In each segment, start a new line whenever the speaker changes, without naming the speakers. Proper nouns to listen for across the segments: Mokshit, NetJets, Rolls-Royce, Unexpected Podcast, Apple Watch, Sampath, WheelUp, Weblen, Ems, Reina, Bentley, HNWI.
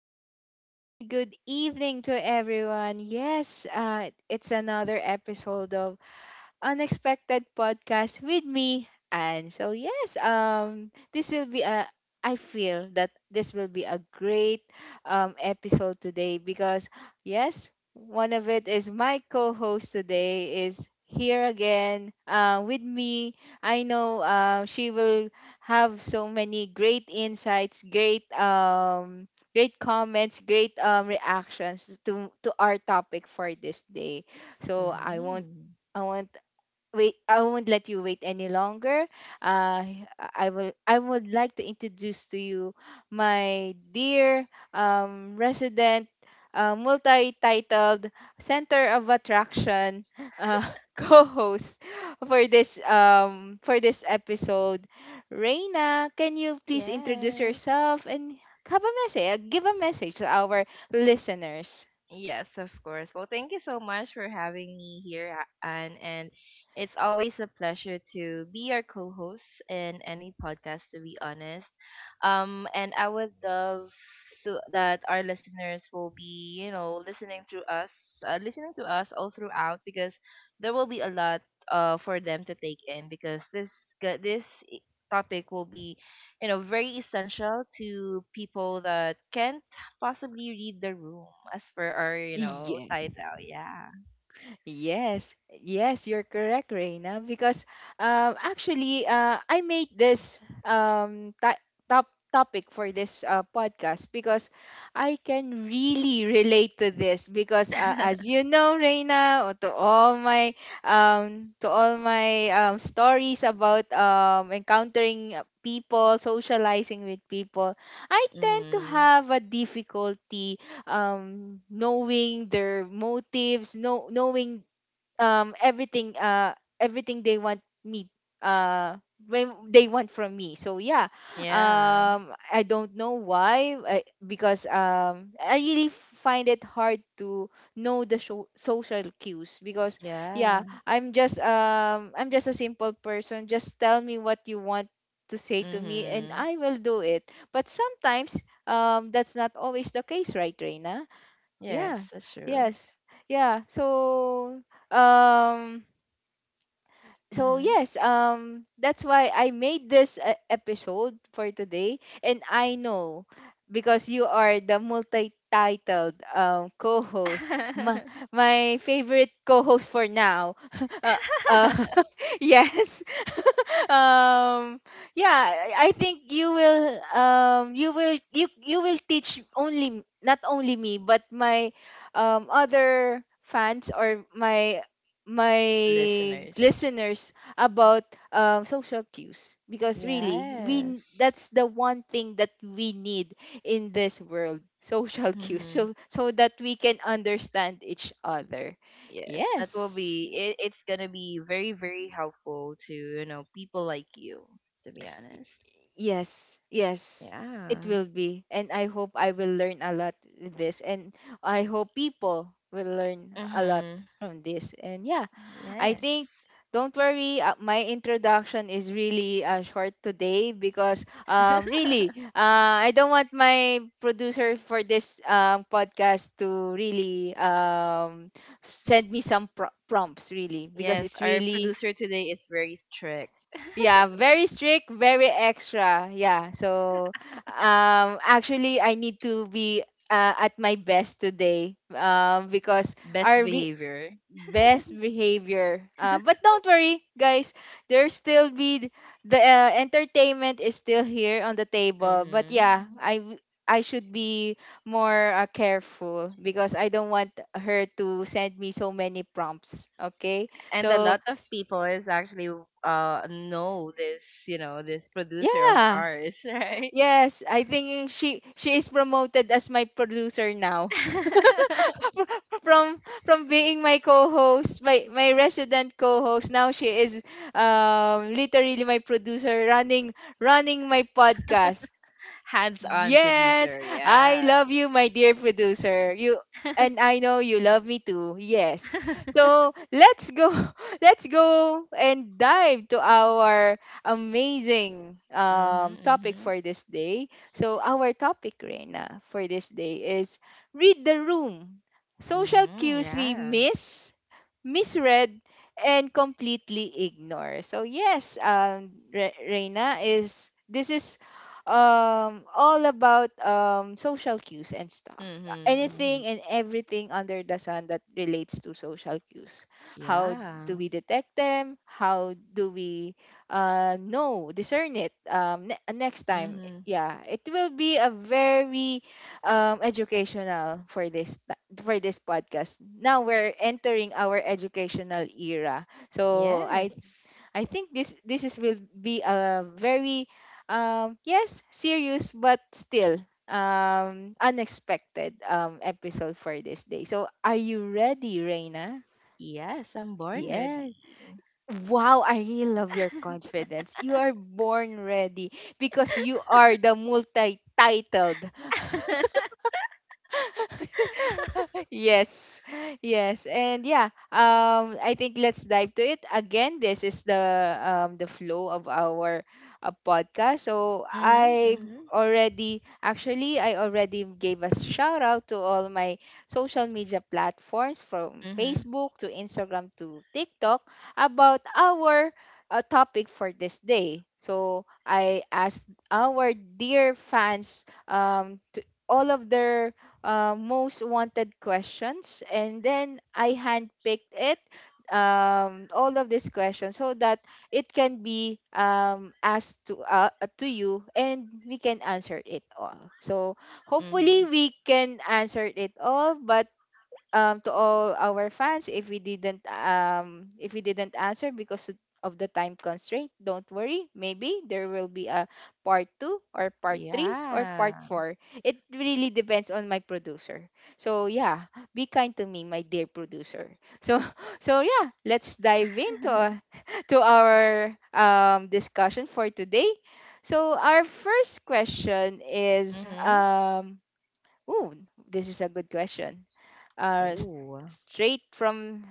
afternoon, and good evening to everyone. Yes, it's another episode of Unexpected Podcast with me. And so yes, this will be a I feel that this will be a great episode today because yes, one of it is my co-host today is here again with me. I know she will have so many great insights, great great comments, great reactions to our topic for this day. So I won't
Mhm.
I won't wait i won't let you wait any longer. Uh, i will i would like to introduce to you my dear, resident, multi-titled center of attraction, uh, co-host for this for this episode. Reina, can you please introduce
Yes.
yourself and have a message, give a message to our listeners?
Yes, of course. Well, thank you so much for having me here, Anne. And it's always a pleasure to be your co host in any podcast, to be honest. And I would love to, that our listeners will be, listening to us all throughout because there will be a lot for them to take in because this topic will be, you know, very essential to people that can't possibly read the room as per our, you know,
Yes.
title. Yeah.
Yes, yes, you're correct, Reina. Because actually, I made this top topic for this podcast because I can really relate to this. Because as you know, Reina, or to all my stories about encountering people, socializing with people, I tend to
Mm,
have a difficulty, knowing their motives, know, knowing, everything, everything they want me, uh, when they want from me. So yeah,
yeah,
I don't know why, I, because I really find it hard to know the social cues because yeah,
yeah.
I'm just a simple person. Just tell me what you want to say to me, and
Mm-hmm.
I will do it. But sometimes that's not always the case, right, Reina? Yeah.
Yes, that's true.
Yes. Yeah. So um
Mm-hmm.
that's why I made this episode for today. And I know because you are the multi-titled, co-host, my, my favorite co-host for now. uh, uh, yes. um yeah, I think you will, um, you will teach only not only me but my other fans or my
Listeners.
listeners about, social cues, because really we
Yes.
that's the one thing that we need in this world, social cues,
Mm-hmm.
so so that we can understand each other.
Yes, that will
Yes.
be it's gonna be very, very helpful to, you know, people like you, to be honest.
Yes, yes, it
Yeah.
will be, and I hope I will learn a lot with this, and I hope people will learn a lot
Mm-hmm.
from this. And yeah, I
Yes.
think, don't worry, my introduction is really short today because really I don't want my producer for this, podcast to really send me some prompts, really, because
Yes,
it's
our
really,
producer today is very strict.
yeah, very strict, very extra. Yeah, so actually I need to be, at my best today, because,
Best
our re-
behavior.
best behavior. But don't worry, guys. There still be the, entertainment is still here on the table. But yeah,
Mm-hmm.
I should be more, careful, because I don't want her to send me so many prompts. Okay,
And a
so
lot of people is actually know this, you know, this producer of
yeah,
ours, right?
yes, I think she is promoted as my producer now. From being my co-host, my resident co-host. Now she is literally my producer, running running my podcast.
Hands-on
Yes,
producer,
I
yeah.
love you, my dear producer. You,
mhm,
and I know you love me too. Yes. So let's go. Let's go and dive to our amazing, topic
mhm,
for this day. So our topic, Reina, for this day is Read the Room: Social
mhm,
Cues We
yeah.
Miss, Misread, and Completely Ignore. So yes, Reina, is this is all about social cues and stuff.
Mhm,
Anything
mhm,
and everything under the sun that relates to social cues. How
yeah.
do we detect them? How do we know, discern it, next time?
Mhm,
Yeah, it will be a very, educational, for this for this podcast. Now we're entering our educational era. So i
yes,
I think this this is will be a very, yes, serious, but still, unexpected, episode for this day. So are you ready, Reina?
yes. I'm born
Yes.
ready.
Wow, I really love your confidence. You are born ready because you are the multi-titled. Yes, yes, and yeah, I think let's dive to it again. This is the, the flow of our, podcast. So
mhm,
i
mhm,
already actually i already gave a shout out to all my social media platforms, from
mhm,
Facebook to Instagram to TikTok, about our, topic for this day. So I asked our dear fans to all of their, most wanted questions, and then I handpicked it all of these questions so that it can be asked to, to you and we can answer it all. So hopefully
mhm.
we can answer it all. But to all our fans, if we didn't, if we didn't answer because of the time constraint, don't worry, maybe there will be a part 2 or part 3 or part
Yeah.
4. It really depends on my producer. So yeah, be kind to me, my dear producer. So so yeah, let's dive into, to our, discussion for today. So our first question is,
Mhm.
ooh, this is a good question, uh, s-
Oh.
straight from,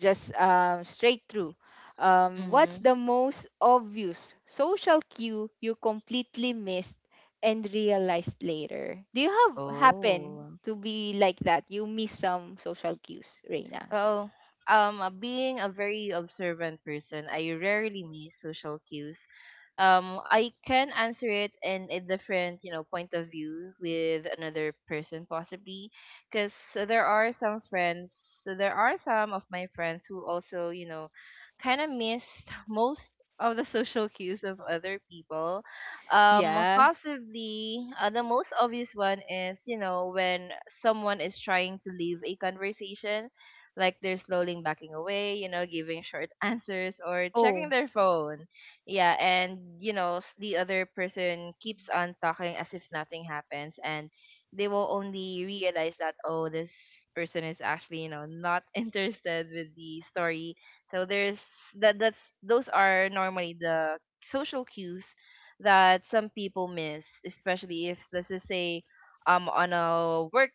just straight through. What's
Mhm.
the most obvious social cue you completely missed and realized later? Do you have happen
Oh.
to be like that? You miss some social cues, Reina?
Oh, Being a very observant person, I rarely miss social cues. I can answer it in a different, you know, point of view with another person possibly, because there are some friends, there are some of my friends who also, you know, kind of missed most of the social cues of other people.
Yeah.
Possibly the most obvious one is, you know, when someone is trying to leave a conversation like they're slowly backing away, you know, giving short answers or checking
Oh,
their phone. Yeah, and you know, the other person keeps on talking as if nothing happens and they will only realize that oh, this person is actually, you know, not interested with the story. So there's that that's those are normally the social cues that some people miss, especially if let's just say on a work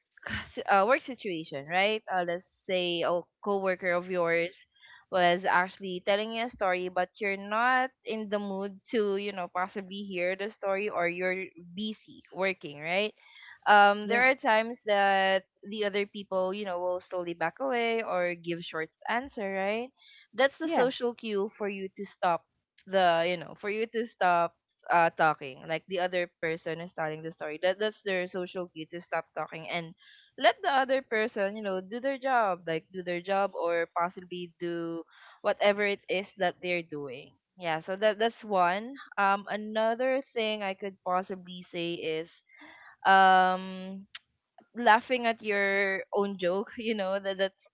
s- uh, work situation, right? Let's say a coworker of yours was actually telling you a story, but you're not in the mood to, you know, possibly hear the story, or you're busy working, right?
yeah.
There are times that the other people, you know, will slowly back away or give short answer, right? That's the
Yeah.
social cue for you to stop you know, for you to stop talking. Like the other person is telling the story. That's their social cue to stop talking and let the other person, you know, do their job, like do their job or possibly do whatever it is that they're doing. Yeah, so that's one. Another thing I could possibly say is um laughing at your own joke, you know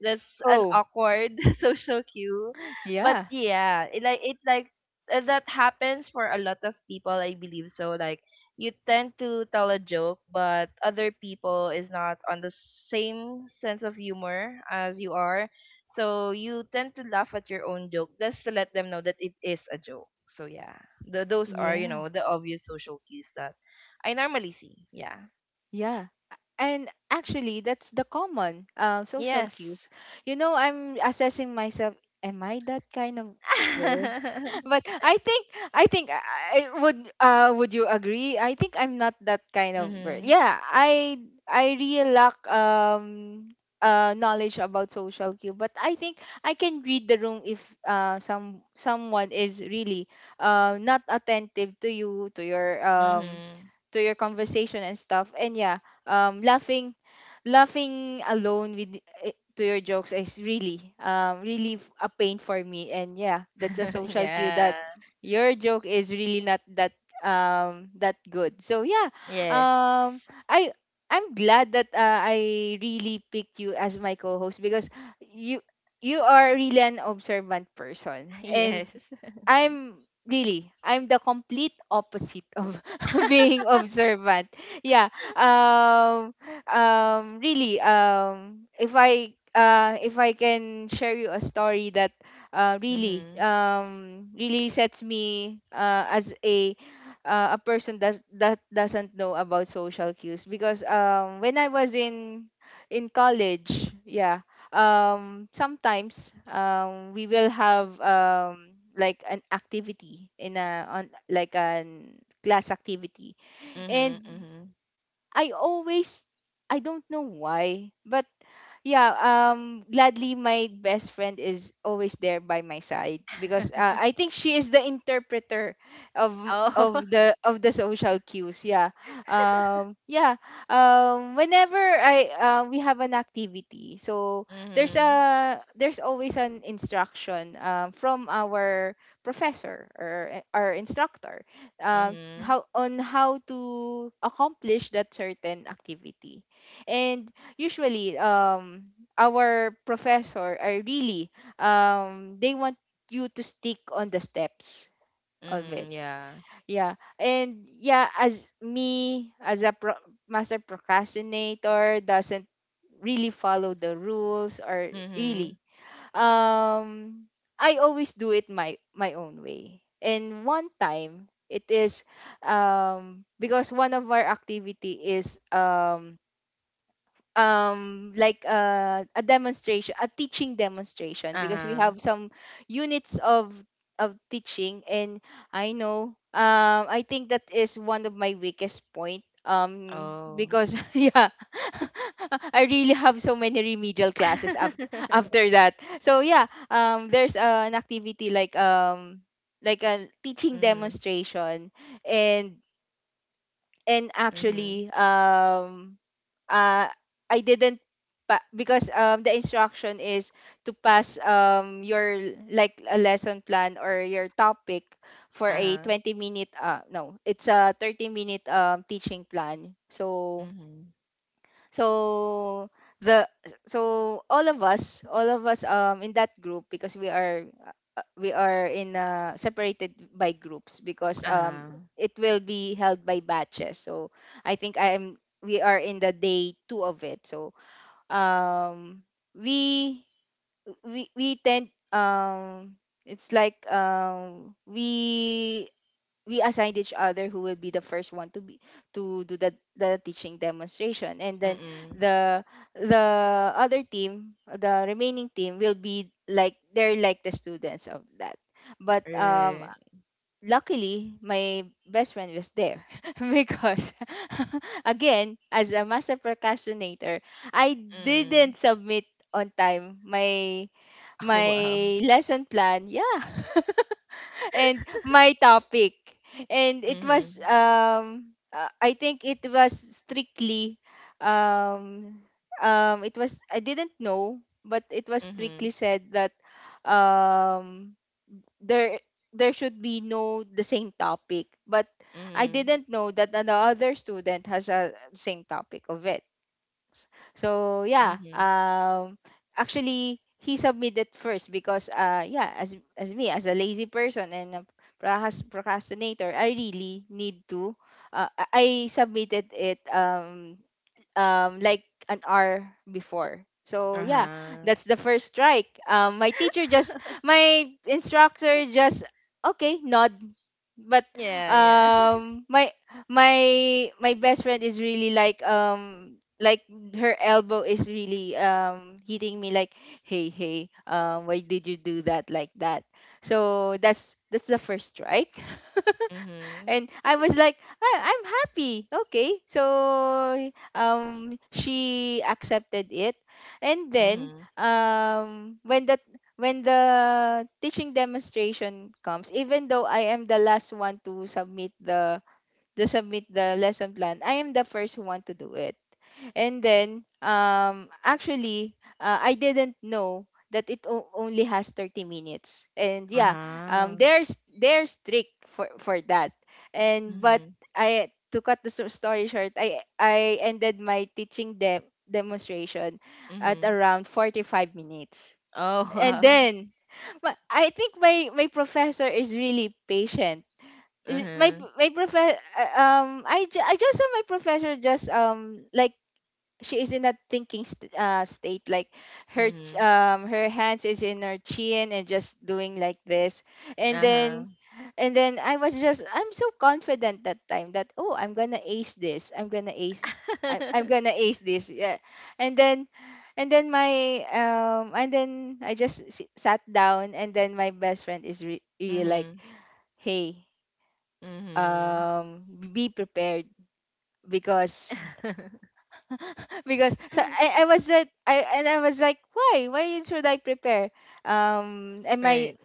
that's an
Oh,
awkward social cue but
yeah.
yeah it like that happens for a lot of people I believe, so like you tend to tell a joke but other people is not on the same sense of humor as you are so you tend to laugh at your own joke just to let them know that it is a joke. So yeah, those are you
Yeah.
know the obvious social cues that I normally see. Yeah,
Yeah. And actually, that's the common, social
yes.
cues. You know, I'm assessing myself. Am I that kind of girl? But I think, I think I would, would you agree? I think I'm not that kind of girl.
Mhm.
Yeah, I really lack, knowledge about social cue, but I think I can read the room if, someone is really, not attentive to you, to your,
Mhm.
to your conversation and stuff. And yeah, um, laughing, laughing alone to your jokes is really, a pain for me. And yeah, that's a social cue that
Yeah.
your joke is really not that, that good. So yeah,
Yes.
um, I. I'm glad that, I really picked you as my co-host, because you you are really an observant person,
Yes.
and I'm really, I'm the complete opposite of being observant. Yeah. Um really, if I can share you a story that,
Mhm.
really sets me as a, a person that doesn't know about social cues. Because when I was in college, yeah, sometimes we will have, like an activity in a, on like an class activity.
Mhm.
And
Mhm.
I always, I don't know why, but yeah, gladly my best friend is always there by my side, because I think she is the interpreter
Oh.
of the social cues. Yeah, yeah, whenever I we have an activity, so there's
Mhm.
a, there's always an instruction, from our professor, or our instructor,
Mhm.
how on how to accomplish that certain activity. And usually, our professor are really, they want you to stick on the steps of it.
Mhm. Yeah.
Yeah, and yeah, as me as a master procrastinator, doesn't really follow the rules, or
Mhm.
really, um I always do it my my own way. And one time it is, because one of our activity is, a demonstration, a teaching demonstration, because we
Uh-huh.
have some units of teaching. And I know, I think that is one of my weakest point,
Oh.
because yeah I really have so many remedial classes after after that. So yeah, there's, an activity like, a teaching
Mhm.
demonstration. and and
Mhm.
actually, uh, I didn't because the instruction is to pass, your, like a lesson plan or your topic, for a
Uh-huh.
20 minute, uh, no, it's a 30 minute, teaching plan. So
Mhm.
so the, so all of us, all of us in that group, because we are, we are in separated by groups. Because
Uh-huh.
it will be held by batches, so I think I am, we are in the day 2 of it. So um we we tend, it's like we assigned each other who will be the first one to be to do the teaching demonstration. And then
Mm-mm.
the the other team, the remaining team will be like they're like the students of that. But
Right.
luckily my best friend was there because again, as a master procrastinator, I didn't
Mm.
submit on time my
Oh wow.
my lesson plan. Yeah, and my topic. And it was
Mhm.
I think it was strictly. um it was, I didn't know, but it was strictly
Mhm.
said that um there there should be no the same topic. But I
Mhm.
didn't know that another student has a same topic of it. So yeah,
Mhm.
actually he submitted first because yeah, as me, as a lazy person and a procrastinator, I really need to. I submitted it like an hour before. So yeah,
Uh-huh.
that's the first strike. My teacher just, my instructor just, okay, nod. But
Yeah, yeah.
um, my my best friend is really like, like her elbow is really hitting me like, hey, hey, why did you do that like that? So that's the first strike.
Mhm.
And I was like, I'm happy. Okay. So she accepted it. And then
Mhm.
when the when the teaching demonstration comes, even though I am the last one to submit the, lesson plan, I am the first one to do it. And then, actually, I didn't know that it only has 30 minutes. And yeah,
Uh-huh.
they're, they're strict for, that. And but
Mhm.
I, to cut the story short, I ended my teaching demonstration at
Mhm.
around 45 minutes.
Oh,
And
wow.
then, I think my professor is really patient. My
Uh-huh.
my professor, I, I just saw my professor just like, she is in that thinking state, like her
Mhm.
her hands is in her chin and just doing like this. And
Uh-huh.
then I was just, I'm so confident that time that, oh, I'm gonna ace this, I'm gonna ace, I'm gonna ace this, yeah. And then and then my um and then I just sat down, and then my best friend is really like,
Mhm.
hey,
Mhm.
um be prepared, because because so I was at, I and I was like, why? Why should I prepare? Am I?
Right.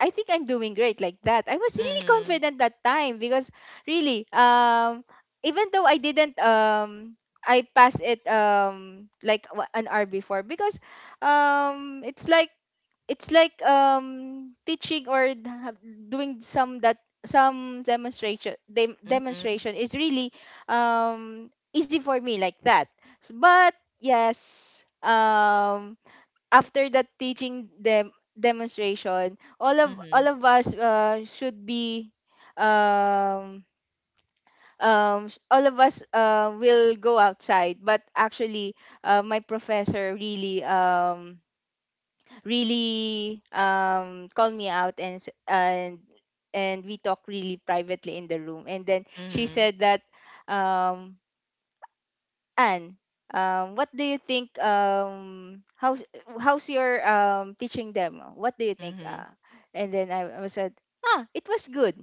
I think I'm doing great like that. I was really
Mhm.
confident that time because really, even though I didn't, I passed it like, an hour before because, it's like, it's like teaching or d- have- doing some that some demonstration,
Mhm.
demonstration is really easy for me like that. But yes, after that teaching them, demonstration, all
Mhm.
of us should be, um all of us will go outside, but actually my professor really really called me out and and we talked really privately in the room. And then she
Mhm.
said that, um Anne, what do you think? How's, how's your teaching them, what do you think?
Mhm.
And then, I said, ah, it was good.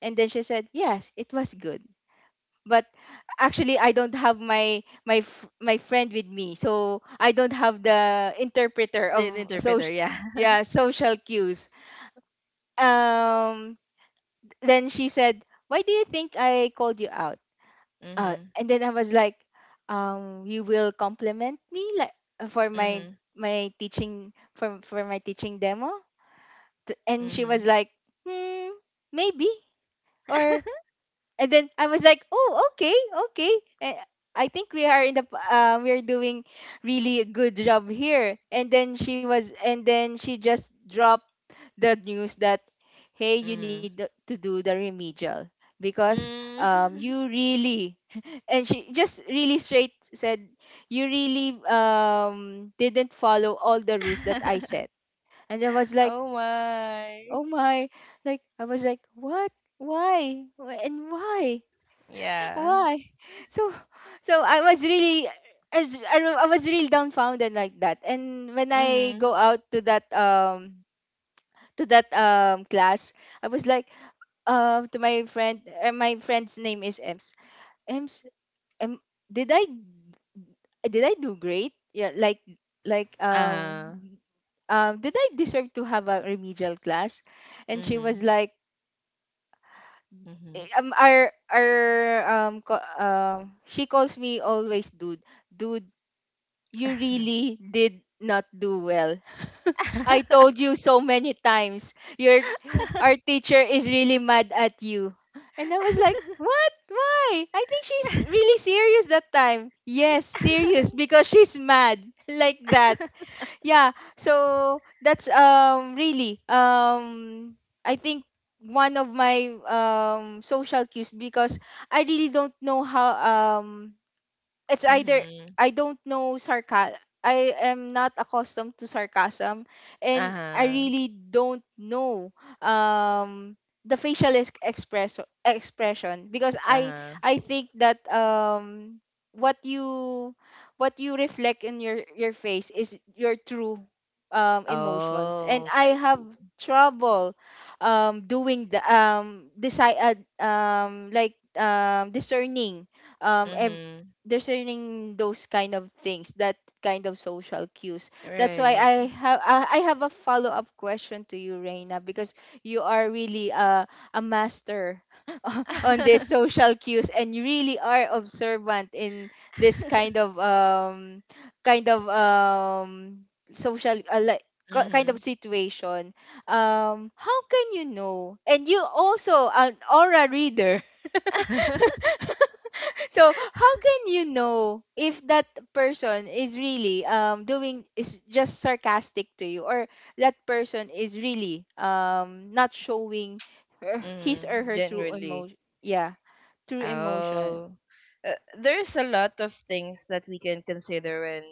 And then she said, yes, it was good, but actually I don't have my, my friend with me, so I don't have the interpreter of
The interpreter,
social,
yeah.
yeah, social cues. Um, then she said, "Why do you think I called you out?"
Mhm.
And then I was like, "You will compliment me like, for my,
Mhm.
my teaching, for, my teaching demo." And she was
Mhm.
like, "Hmm, maybe." Or, and then I was like, "Oh, okay, okay." And I think we are in the we are doing really a good job here. And then she was, and then she just dropped the news that, "Hey, you need
Mhm.
to do the remedial because
Mm.
you really," and she just really straight said, "You really didn't follow all the rules that I set." And I was like,
Oh my.
"Oh my!" Like, I was like, "What? Why? And why?"
Yeah.
Why? So, so I was really, I was, I was really dumbfounded like that. And when I
Mhm.
go out to that class, I was like, to my friend, my friend's name is Ems. Ems, em, did I, did I do great? Yeah, like,
Uh-huh.
did I deserve to have a remedial class? And she
Mhm.
was like,
Mhm.
eh, our she calls me always dude, dude, you really did not do well. I told you so many times. Your, our teacher is really mad at you. And I was like, "What? Why?" I think she's really serious that time. Yes, serious because she's mad like that. Yeah. So that's really I think one of my social cues, because I really don't know how, it's either
Mhm.
I don't know sarcasm. I am not accustomed to sarcasm, and I
Uh-huh.
really don't know um the facial expression, because I
Uh-huh.
I think that what you, what you reflect in your face is your true emotions, and
Oh,
I
I
have
see.
trouble doing the decide like, discerning um ev-
Mhm.
discerning those kind of things, that kind of social cues. That's why I
Right.
have, I have a follow-up question to you, Reina, because you are really a master on these social cues, and you really are observant in this kind of social, like, kind of
mhm.
situation. How can you know? And you also an aura reader, so how can you know if that person is really doing, is just sarcastic to you, or that person is really not showing her, his or
mhm.
her true
Generally.
emotion? Yeah, true emotion.
Oh. Uh, there's a lot of things that we can consider when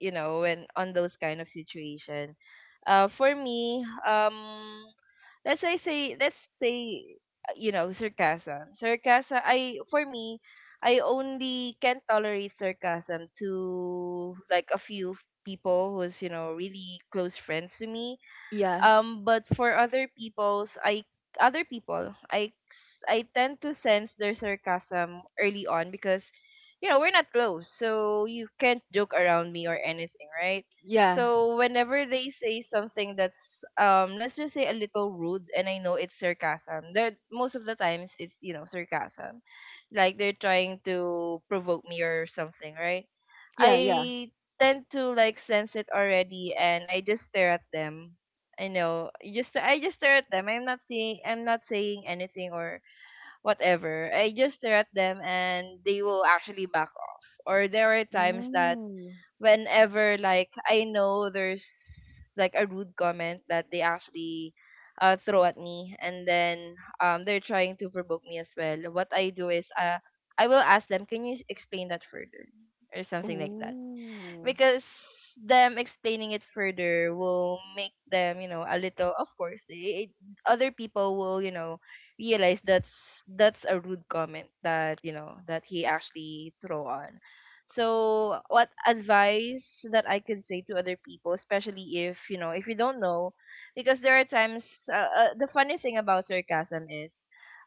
you know when on those kind of situation. For me, let's say let's say you know, sarcasm sarcasm I for me I only can tolerate sarcasm to like a few people who's you know really close friends to me,
Yeah,
but for other people's I other people I tend to sense their sarcasm early on because you know we're not close, so you can't joke around me or anything, right?
yeah,
So whenever they say something that's let's just say a little rude and I know it's sarcasm there, most of the times it's you know sarcasm, like they're trying to provoke me or something, right?
yeah, yeah.
I tend to like sense it already and I just stare at them. I know. You Just I just stare at them. I'm not saying anything or whatever. I just stare at them and they will actually back off. Or there are times that
Ooh,
whenever like I know there's like a rude comment that they actually throw at me and then they're trying to provoke me as well. What I do is, I will ask them, "Can you explain that further?" or something like that,
ooh,
because them explaining it further will make them, you know, a little. Of course, they, other people will, you know, realize that's a rude comment that you know that he actually throw on. So, what advice that I could say to other people, especially if you know, if you don't know, because there are times. The funny thing about sarcasm is,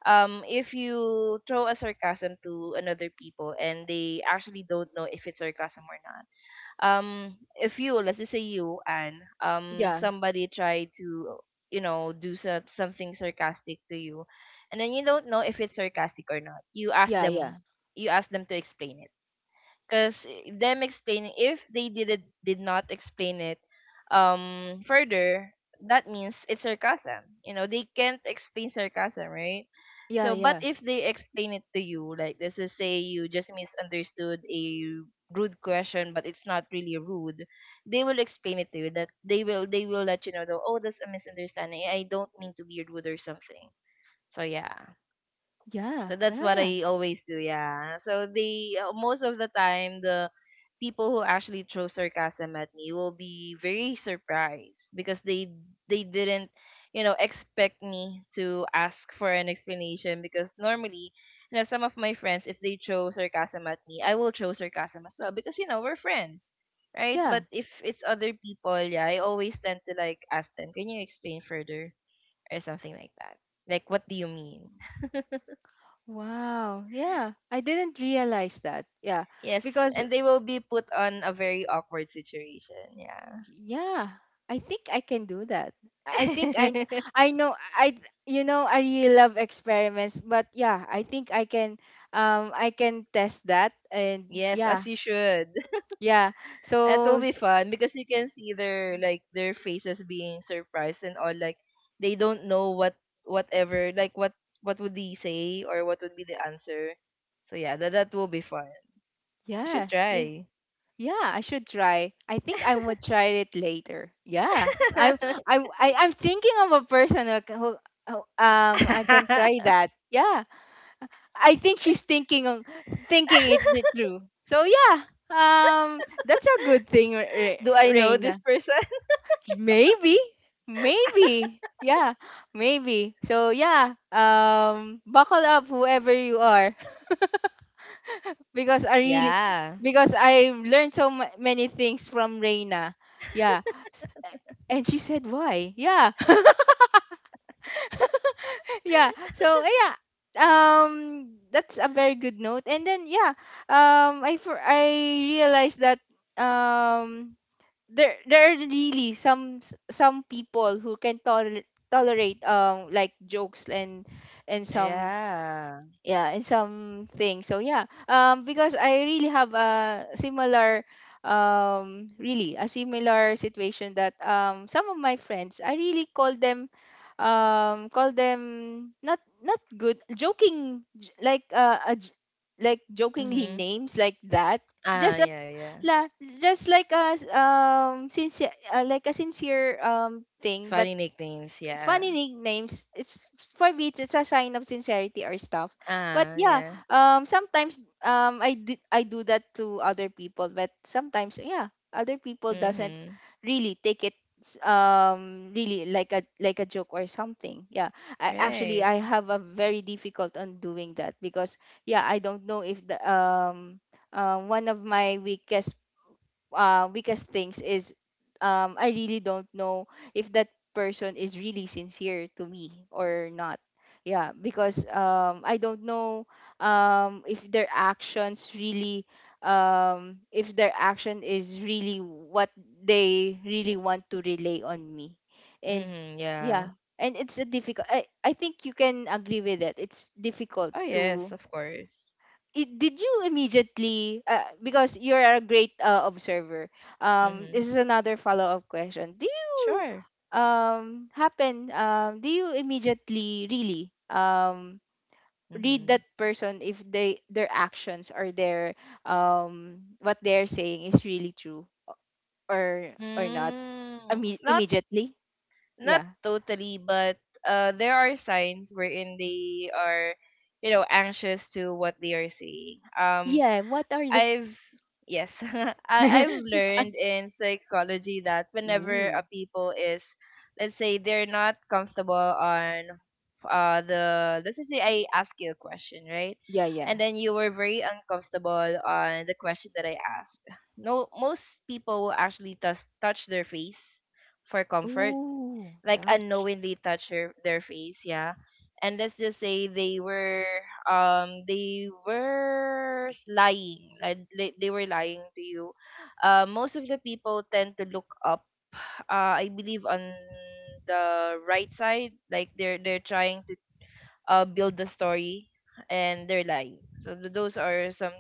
if you throw a sarcasm to another people and they actually don't know if it's sarcasm or not, if you, let's just say you and
yeah,
somebody tried to you know do something sarcastic to you, and then you don't know if it's sarcastic or not, you ask
yeah,
them,
yeah,
you ask them to explain it, because them explaining, if they did not explain it further, that means it's sarcasm, you know they can't explain sarcasm, right?
yeah,
So but
yeah,
if they explain it to you like this is say you just misunderstood a rude question but it's not really rude, they will explain it to you that they will let you know though oh, that's a misunderstanding, I don't mean to be rude or something. So yeah,
yeah,
so that's what
yeah,
I always do, yeah. So they, most of the time the people who actually throw sarcasm at me will be very surprised because they didn't, you know, expect me to ask for an explanation because normally, you know, some of my friends if they throw sarcasm at me, I will throw sarcasm as well because you know, we're friends. Right?
yeah.
But if it's other people, yeah, I always tend to like ask them, "Can you explain further?" or something like that. Like, what do you mean?
Wow, yeah. I didn't realize that. Yeah,
Yes,
because
and they will be put on a very awkward situation. Yeah.
yeah, I think I can do that. I think I know I you know, I really love experiments, but yeah, I think I can, I can test that. And
Yes,
yeah,
as you should.
yeah.
That
so
will be
s-
fun because you can see their like their faces being surprised and all, like they don't know what whatever, like what would they say or what would be the answer. So yeah, that that will be fun. You
yeah,
should
yeah,
try.
yeah, I should try. I think I would try it later, yeah. I'm thinking of a person who, who, I can try that, yeah. I think she's thinking on, thinking it, it through. So yeah, that's a good thing,
Do I know this
Reina.
person?
Maybe, maybe, yeah, maybe. So yeah, buckle up, whoever you are, because I really,
Yeah.
because I learned so many things from Reina. Yeah, S- and she said why? Yeah. Yeah, so, eh, yeah, um that's a very good note. And then, yeah, I for I realized that um there there are really some some people who can tolerate, like jokes and some,
Yeah.
yeah, in some things. So yeah, because I really have a similar really a similar situation, that some of my friends, I really call them not, not good joking, like, a j like jokingly
Mhm.
names like that,
Ah,
just a,
yeah, yeah.
la, just like a sincere like a sincere thing. But,
Funny nicknames, yeah.
funny nicknames, it's, for me it's a sign of sincerity or stuff. But
Ah,
yeah,
yeah.
sometimes I do that to other people, but sometimes, yeah, other people doesn't
Mm-hmm.
really take it really like a, like a joke or something, yeah. I actually,
Right.
I have a very difficult on doing that, because yeah, I don't know if the one of my weakest, weakest things is, I really don't know if that person is really sincere to me or not. Yeah, because I don't know if their actions really, if their action is really what they really want to relay on me. And
Mm-hmm. Yeah.
yeah, and it's a difficult, I think you can agree with that. It's difficult
Oh yes,
to
of course.
I- did you immediately because you're a great observer.
Mm-hmm.
This is another follow-up question. do you
Sure.
um happen um do you immediately really read
Mm-hmm.
that person if they their actions or their what they're saying is really true or or not?
Mm, not
Immediately?
not
Yeah.
totally, but there are signs wherein they are, you know, anxious to what they are saying.
Yeah, what are the
I've Yes, I've learned in psychology that whenever a
ooh.
people is, let's say they're not comfortable on the let's just say I ask you a question, right?
Yeah, yeah.
And then you were very uncomfortable on the question that I asked. No, most people will actually touch their face for comfort,
Ooh,
like
touch.
unknowingly touch their face. Yeah, and let's just say they were lying, like they were lying to you. Uh, most of the people tend to look up, I believe on the right side, like they're trying to build the story and their life. So those are some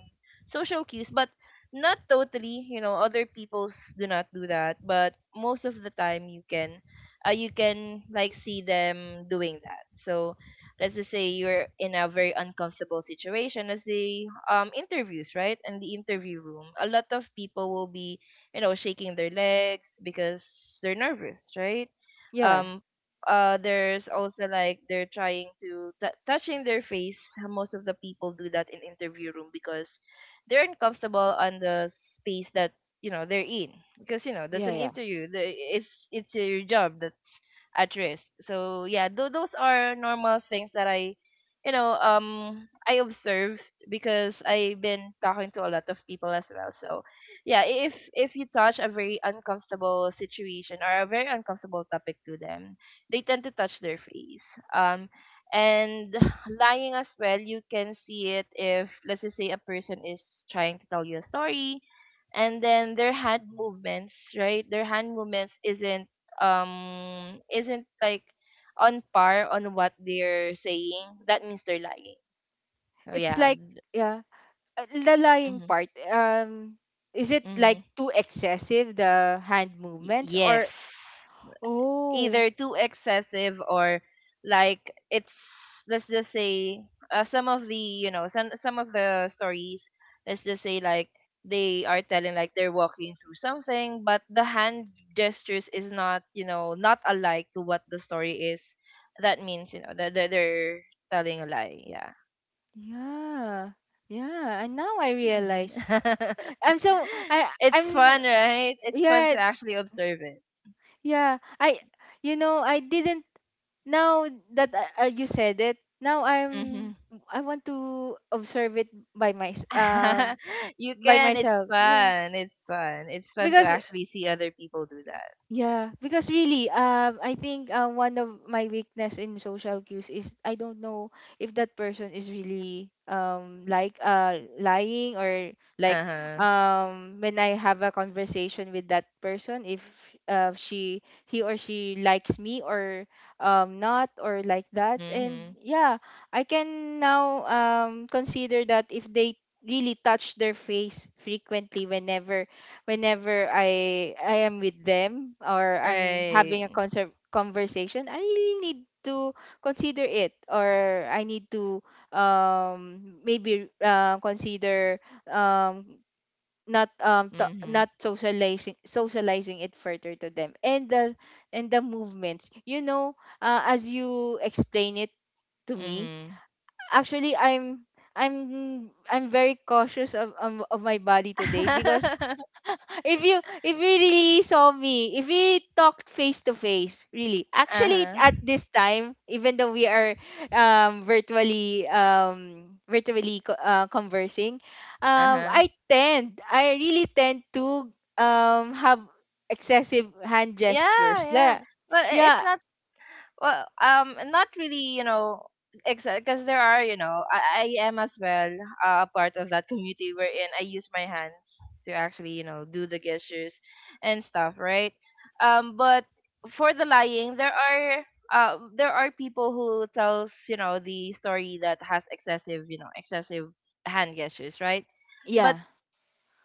social cues, but not totally. You know, other people's do not do that, but most of the time you can like see them doing that. So let's just say you're in a very uncomfortable situation. Let's say interviews, right? In the interview room, a lot of people will be, you know, shaking their legs because they're nervous, right?
Yeah,
Um, there's also like they're trying to touching their face, most of the people do that in interview room because they're uncomfortable on the space that you know they're in, because you know that's
yeah,
an
yeah.
interview, it's your job at risk. So yeah, those are normal things that I observed because I've been talking to a lot of people as well. So yeah, if you touch a very uncomfortable situation or a very uncomfortable topic to them, they tend to touch their face. Um, and lying as well, you can see it if let's just say a person is trying to tell you a story. And then their hand movements, right? Their hand movements isn't like on par on what they're saying, that means they're lying. So
It's
yeah.
like, yeah, the lying
Mm-hmm.
part, is it like
Mm-hmm.
too excessive the hand movements
Yes.
or? Oh,
Either too excessive or like it's let's just say some of the you know some of the stories let's just say like they are telling like they're walking through something but the hand gestures is not not alike to what the story is that means that they're telling a lie, yeah.
yeah, yeah. And now I realize i'm so i
It's
i'm
fun, right? It's fun
yeah.
to actually observe it.
Yeah, I, I didn't. Now that you said it, now
Mm-hmm.
I want to observe it by my
You
by
can. It's
myself. Yeah,
fun. It's fun. It's fun to
because
actually see other people do that.
yeah, because really, I think one of my weakness in social cues is I don't know if that person is really like lying or like.
Uh huh.
When I have a conversation with that person, if she he or she likes me or not, or like that. And
Mm-hmm.
yeah, I can now consider that if they really touch their face frequently whenever, I am with them or I'm having a
Right.
conversation, I really need to consider it, or I need to maybe consider um not, to,
Mm-hmm.
not socializing it further to them. And the, and the movements, you know, as you explain it to me,
Mm-hmm.
actually I'm I'm very cautious of, of my body today because if you, if you really saw me, if we talked face to face, really.
Uh
Actually
huh.
at this time, even though we are virtually conversing,
Uh huh.
I tend, I really tend to have excessive hand
Yeah.
gestures.
Yeah.
Yeah.
But it's
Yeah.
not. Well, not really, exact because there are, I am as well a part of that community wherein I use my hands to actually, do the gestures and stuff, right? But for the lying, there are people who tells, the story that has excessive hand gestures, right? But
Yeah.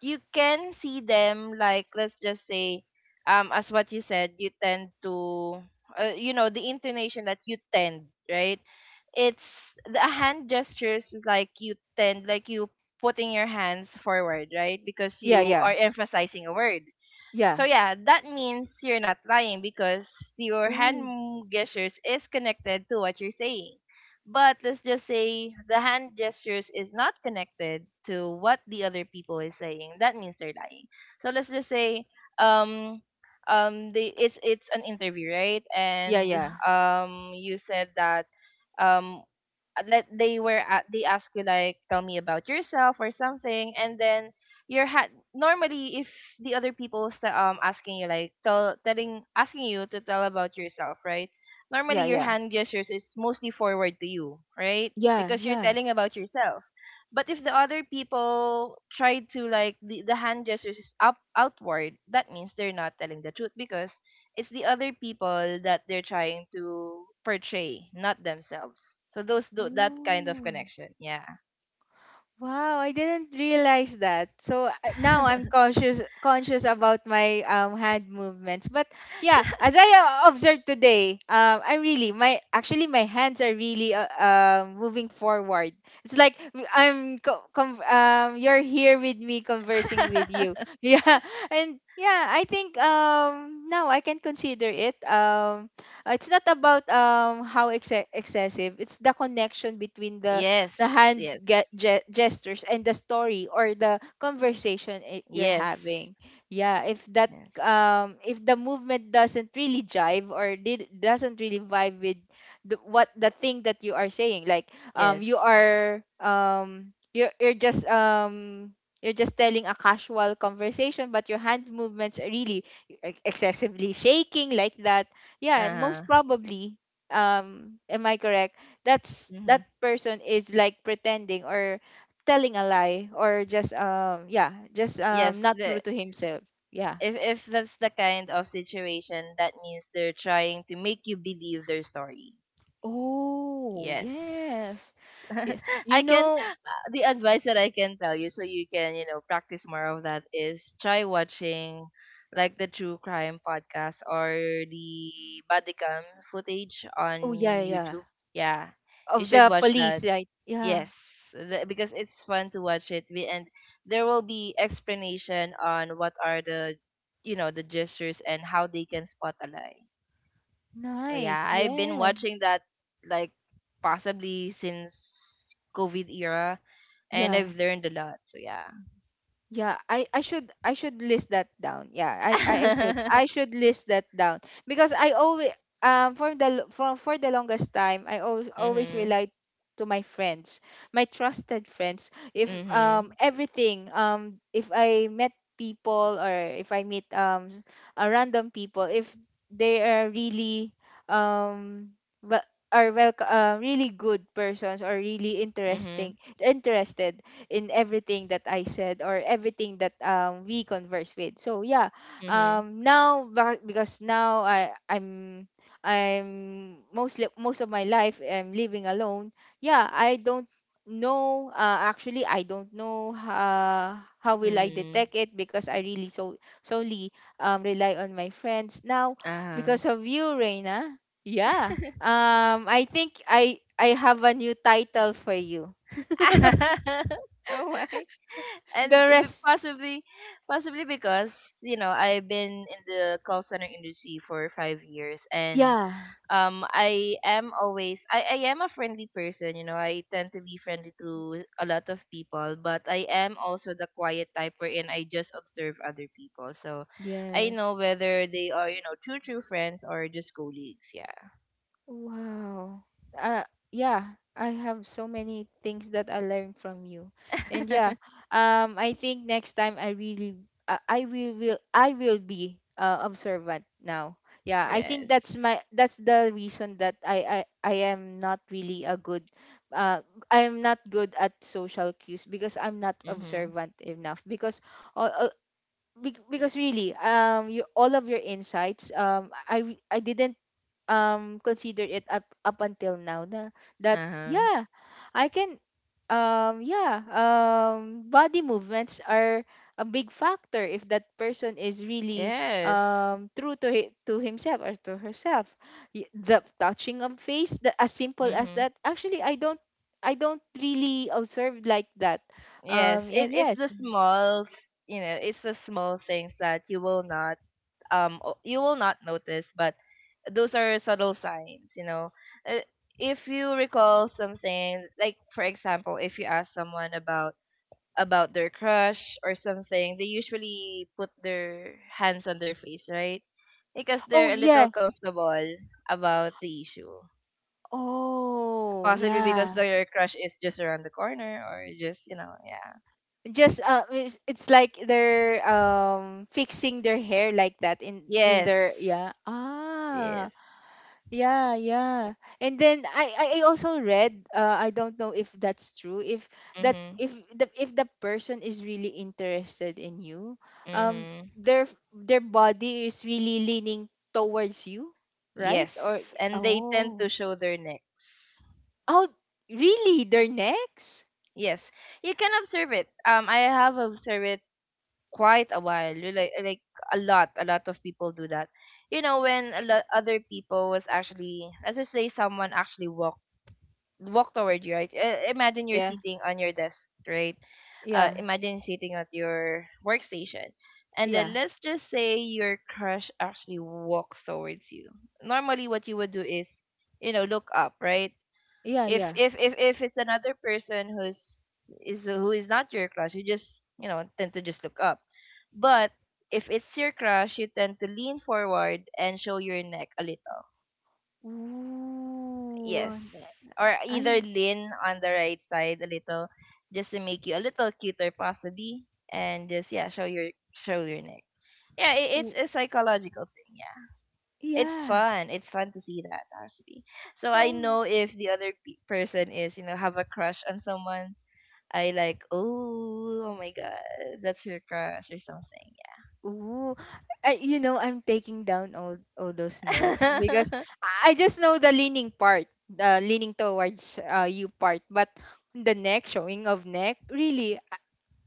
you can see them like let's just say as what you said you tend to the intonation that you tend, right? It's the hand gestures is like you tend like you putting your hands forward, right? Because
Yeah,
you
yeah.
are emphasizing a word.
Yeah.
So yeah, that means you're not lying because your hand
Oh.
gestures is connected to what you're saying. But let's just say the hand gestures is not connected to what the other people is saying. That means they're lying. So let's just say um they it's an interview, right?
Yeah,
And
yeah.
you said that um let they were at they ask you like tell me about yourself or something and then normally if the other people asking you like tell telling asking you to tell about yourself, right? Normally
Yeah,
your
yeah.
hand gestures is mostly forward to you, right?
Yeah,
Because you're
yeah.
telling about yourself. But if the other people try to like the hand gestures is up outward, that means they're not telling the truth because it's the other people that they're trying to portray, not themselves. So those do that kind of
Ooh.
connection. Yeah.
Wow, I didn't realize that. So now I'm conscious about my hand movements. But yeah, as I observed today, I really my, actually my hands are really moving forward. It's like I'm you're here with me conversing with you. Yeah, and yeah, I think now I can consider it. It's not about how excessive. It's the connection between the
Yes.
hands
Yes.
gestures and the story or the conversation you're
Yes.
having. Yeah, if that
Yes.
if the movement doesn't really jive or did doesn't really vibe with the, what the thing that you are saying, like
Yes.
you are, you're just telling a casual conversation but your hand movements are really excessively shaking like that. Yeah,
Uh-huh.
most probably. Am I correct? That's,
Mm-hmm.
that person is like pretending or telling a lie, or just yeah, just
Yes.
not true
The
to himself. Yeah.
if that's the kind of situation, that means they're trying to make you believe their story.
Oh,
Yes.
yes. Yes, you
I can
know.
the advice that I can tell you so you can, practice more of that is try watching like the true crime podcast or the bodycam footage
Oh, yeah,
on
yeah.
YouTube. Yeah. You
Of
should
the
watch
police,
that.
right? Yeah.
Yes. Because it's fun to watch it. And there will be explanation on what are the you know the gestures and how they can spot a lie. So yeah,
Nice,
I've been
yes.
watching that like possibly since COVID era, and
Yeah.
I've learned a lot. So yeah.
Yeah, I, I should list that down. Yeah, I, I should list that down because I always, for the, for the longest time I always, always
Mhm.
relied to my friends, my trusted friends. If
Mhm.
everything, if I met people or if I meet a random people, if they are really um well, are well, really good persons, or really
Mhm.
interesting, interested in everything that I said or everything that, we converse with. So yeah,
Mhm.
now because now I'm mostly, most of my life I'm living alone. Yeah, I don't know. Actually, I don't know how will I
Mhm.
detect it because I really so solely rely on my friends now
Uh huh.
because of you, Reina. Yeah. I think I have a new title for you.
Oh my. And
The rest.
possibly, possibly because I've been in the call center industry for 5 years, and
Yeah,
I am a friendly person. I tend to be friendly to a lot of people, but I am also the quiet type wherein I just observe other people. So I
yes.
know whether they are, true friends or just colleagues, yeah.
Wow. Uh, yeah, I have so many things that I learned from you. And yeah, I think next time I really, I will be observant now. Yeah, I think
Yes.
that's my, that's the reason that I am not really a good uh I am not good at social cues because I'm not
Mhm.
observant enough because uh, uh, because really, you, all of your insights, I didn't consider it up, up until now na. That
Uh-huh.
yeah, I can yeah, body movements are a big factor if that person is really
Yes.
true to to himself or to herself. The touching of face, the, as simple as
Mhm.
that, actually I don't, I don't really observe like that.
Yes. It
And
it's
yes.
the small things that you will not notice, but those are subtle signs. Uh, if you recall something like for example if you ask someone about their crush or something, they usually put their hands on their face, right? Because
Oh,
they're a little
yeah.
comfortable about the issue,
Oh,
possibly because
yeah.
their crush is just around the corner or just, yeah.
Just it's like they're fixing their hair like that in
Yes.
their. Yeah, ah.
Yes.
Yeah, yeah. And then I also read, I don't know if that's true. If that,
Mhm.
if the, if the person is really interested in you, um
Mhm.
their their body is really leaning towards you, right?
Yes,
Or.
and they tend
Oh.
to show their necks.
Oh, really, their necks?
Yes, you can observe it. I have observed it quite a while, you like a lot of people do that. You know, when a lot other people was actually, let's just say, someone actually walked toward you, right? Imagine you're
Yeah,
sitting on your desk, right?
yeah,
Imagine sitting at your workstation, and
yeah.
then let's just say your crush actually walks towards you. Normally, what you would do is, look up, right?
Yeah,
if
yeah.
if if if it's another person who is not your crush, you just tend to just look up. But if it's your crush, you tend to lean forward and show your neck a little.
Ooh,
Yes,
and
or either
I
lean on the right side a little, just to make you a little cuter possibly, and just yeah show your neck. Yeah, it's
w-
a psychological thing. Yeah, it's
yeah.
fun. It's fun to see that actually. So I
Um,
know if the other person is, have a crush on someone, I like, oh, oh my god, that's your crush or something.
ooh. I, you know, I'm taking down all those notes because
Yeah.
I just know the leaning part, the leaning towards, you part, but the neck, showing of neck, really,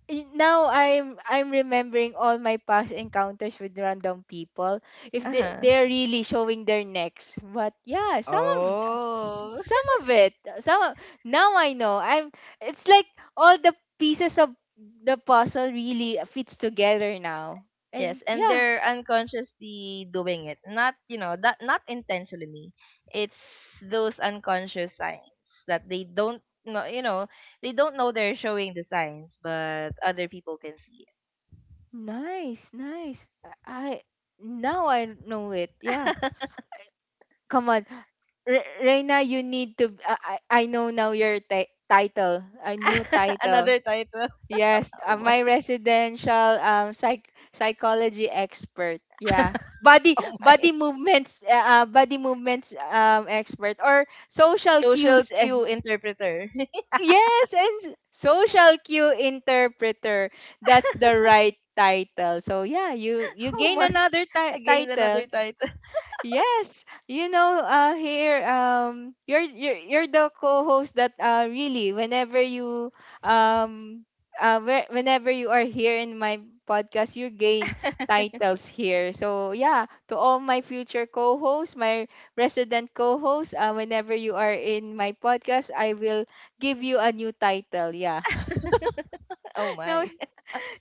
now I'm remembering all my past encounters with random people. If they,
Uh-huh.
they're really showing their necks, but yeah, some of
Oh,
some of it, some of- now I know. I'm It's like all the pieces of the puzzle really fits together now. And
yes, and
yeah,
they're unconsciously doing it. Not that not intentionally. It's those unconscious signs that they don't know. You know, they don't know they're showing the signs, but other people can see.
nice, nice. I- Now I know it. Yeah,
It.
come on, Reina, you need to. I I know now your title, a new title.
Another title.
Yes,
Oh my.
my residential psychology expert. Yeah. Body,
Oh my.
body movements, body movements expert, or social
Social
cues. Eh.
cue interpreter.
Yes, and social cue interpreter. That's the right title. So yeah, you you
Oh
gain
my.
another
Again, another
title.
title.
Yes, you know, here, you're you're the co-host that really, whenever you um whenever you are here in my podcast, you gain titles here. So yeah, to all my future co-hosts, my resident co-hosts, whenever you are in my podcast, I will give you a new title. Yeah.
oh
No,
my.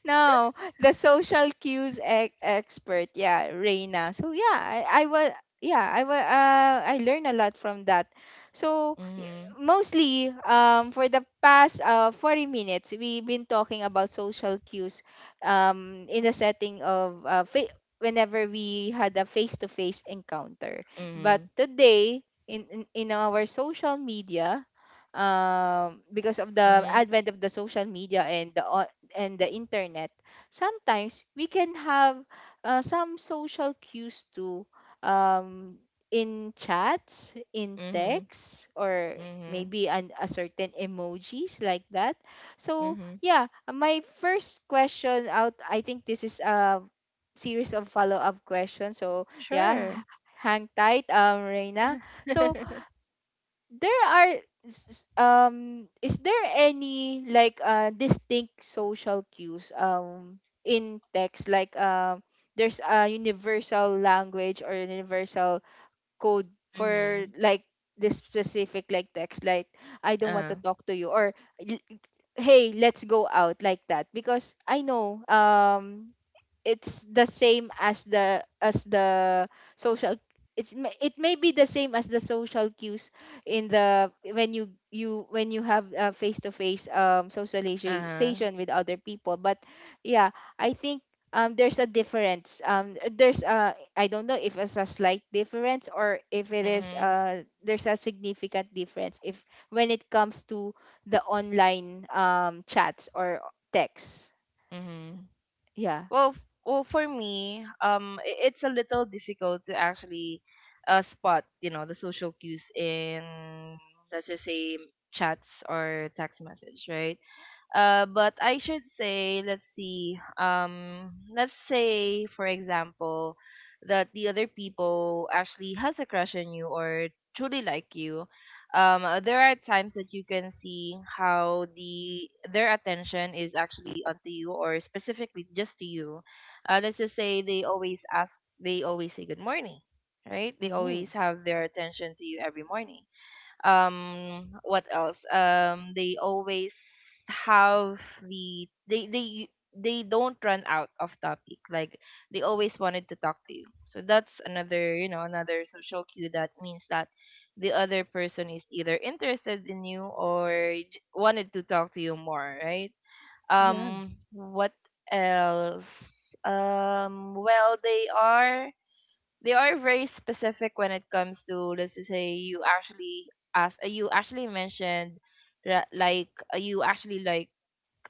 no, the social cues expert. Yeah, Reina. So yeah, I was yeah, I was I learned a lot from that. So
Mhm.
mostly, for the past 40 minutes we've been talking about social cues in the setting of whenever we had a face to face encounter. But
Mhm.
today in, in our social media, because of the
Mhm.
advent of the social media and and the internet, sometimes we can have some social cues too, um, in chats, in
Mhm.
texts, or
Mhm.
maybe a certain emojis like that. So
Mhm.
yeah, my first question out. I think this is a series of follow up questions. So yeah,
Sure.
hang tight, Reina. So there are s- is there any like distinct social cues in text, like there's a universal language, or universal code for
Mhm.
like this specific like text, like I don't want to
Uh-huh.
talk to you, or hey, let's go out, like that? Because I know it's the same as the, as the social, it's it may be the same as the social cues in the, when you, when you have a face to face
uh
socialization with other people, but yeah, I think there's a difference. There's a, I don't know if it's a slight difference, or if it is,
Mhm.
there's a significant difference if when it comes to the online chats or texts.
Mhm.
Yeah.
Well, for me, it's a little difficult to actually spot, the social cues in let's just say chats or text message, right? But I should say, let's see. Let's say, for example, that the other people actually has a crush on you or truly like you. There are times that you can see how their attention is actually onto you or specifically just to you. Let's just say they always say good morning, right? They
Ooh.
always have their attention to you every morning. What else? They always have the they don't run out of topic, like they always wanted to talk to you. So that's another you know another social cue, that means that the other person is either interested in you or wanted to talk to you more, right?
Yeah.
What else? Well, they are very specific when it comes to let's just say you actually mentioned you actually like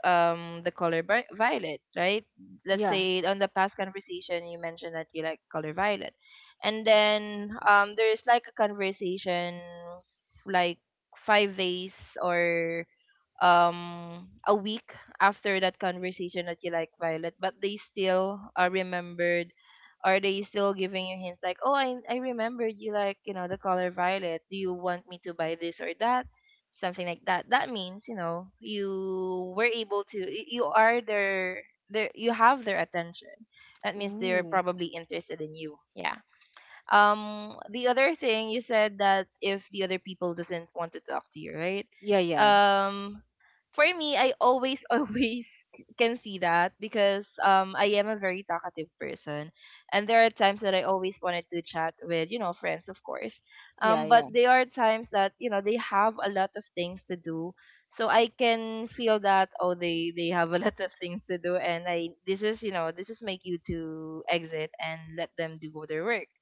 the color violet, right? Let's
Yeah.
say on the past conversation you mentioned that you like color violet, and then there's like a conversation like 5 days or a week after that conversation that you like Violet, but they still are remembered. Are they still giving you hints like, oh, I remembered you like the color violet. Do you want me to buy this or that, something like that? That means you were able to you have their attention. That means they're
Ooh.
probably interested in you. Yeah. The other thing you said that if the other people doesn't want to talk to you, right?
Yeah, yeah.
Um, for me, I always always can see that because I am a very talkative person, and there are times that I always wanted to chat with friends, of course.
Yeah, yeah.
But there are times that they have a lot of things to do, so I can feel that oh they have a lot of things to do, and I this is you know this is my cue to exit and let them do their work.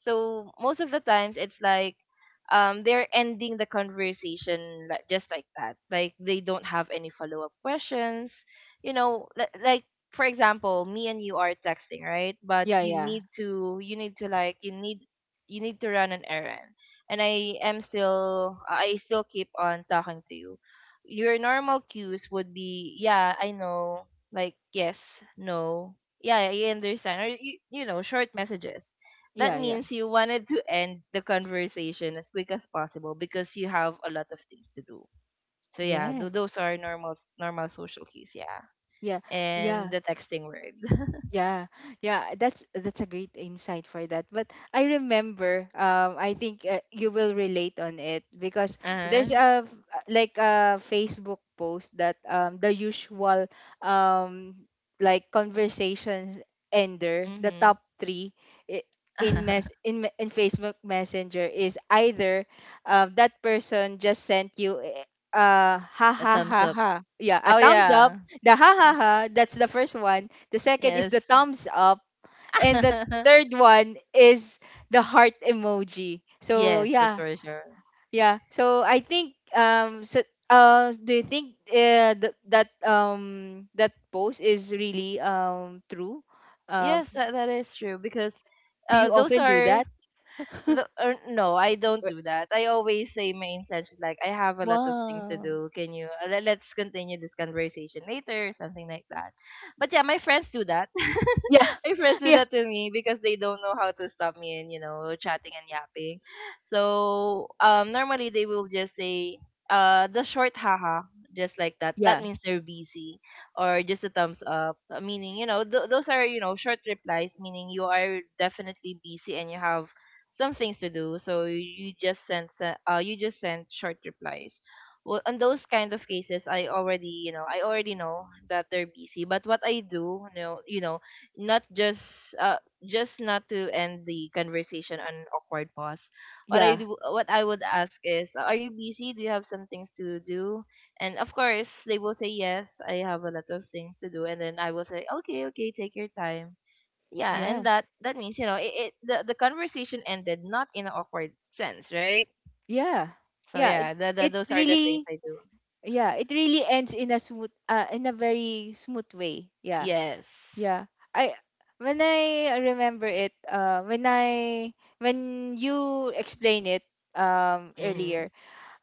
So most of the times it's like they're ending the conversation like just like that. Like they don't have any follow-up questions. You know, like for example, me and you are texting, right? But
Yeah,
you
yeah.
need to you need to you need to run an errand. And I still keep on talking to you. Your normal cues would be, yeah, I know, like yes, no, yeah, I understand, or short messages, that
Yeah, yeah.
means you wanted to end the conversation as quick as possible because you have a lot of things to do. So yeah,
Yeah.
those are normal social cues, yeah.
Yeah.
And
Yeah.
the texting word.
Yeah, yeah, that's a great insight for that. But I remember, I think you will relate on it because there's
Uh-huh.
a like a Facebook post that, the usual um like conversations ender, the
Mhm.
top three i- in Facebook Messenger is either that person just sent you, eh, ha
A
ha
thumbs
ha
up.
ha. Yeah, a
Oh
thumbs up,
yeah.
the ha ha ha, that's the first one. The second is
Yes.
the thumbs up. And the third one is the heart emoji. So
Yes, that's
yeah,
for sure.
yeah. So I think so, do you think that, that post is really true? Um,
Yes, that is true because
do
uh,
you
those
often do
are
that?
No, I don't
Wh-
do that. I always say my intention, like, I have a lot of things to
Wow.
do. Can you, let's continue this conversation later, or something like that. But yeah, my friends do that.
Yeah.
My friends do
Yeah.
that to me because they don't know how to stop me and, you know, chatting and yapping. So, normally they will just say, the short haha, just like that. That
Yeah.
means they're busy or just a thumbs up, meaning, you know, those are, you know, short replies, meaning you are definitely busy and you have some things to do, so you just send you just send short replies. Well, on those kind of cases, I already, you know, I already know that they're busy, but what I do, you know, not just just not to end the conversation on an awkward pause. What I
Yeah.
do, what I would ask is, are you busy? Do you have some things to do? And of course they will say yes, I have a lot of things to do, and then I will say, okay, okay, take your time. Yeah,
Yeah.
and that means, you know, it the conversation ended not in an awkward sense, right?
Yeah.
So
Yeah, it
yeah,
it
those are the things
really,
I do.
yeah, it really ends in a smooth in a very smooth way. Yeah.
Yes.
Yeah. I when I remember it, when I, when you explain it
mm-hmm.
earlier,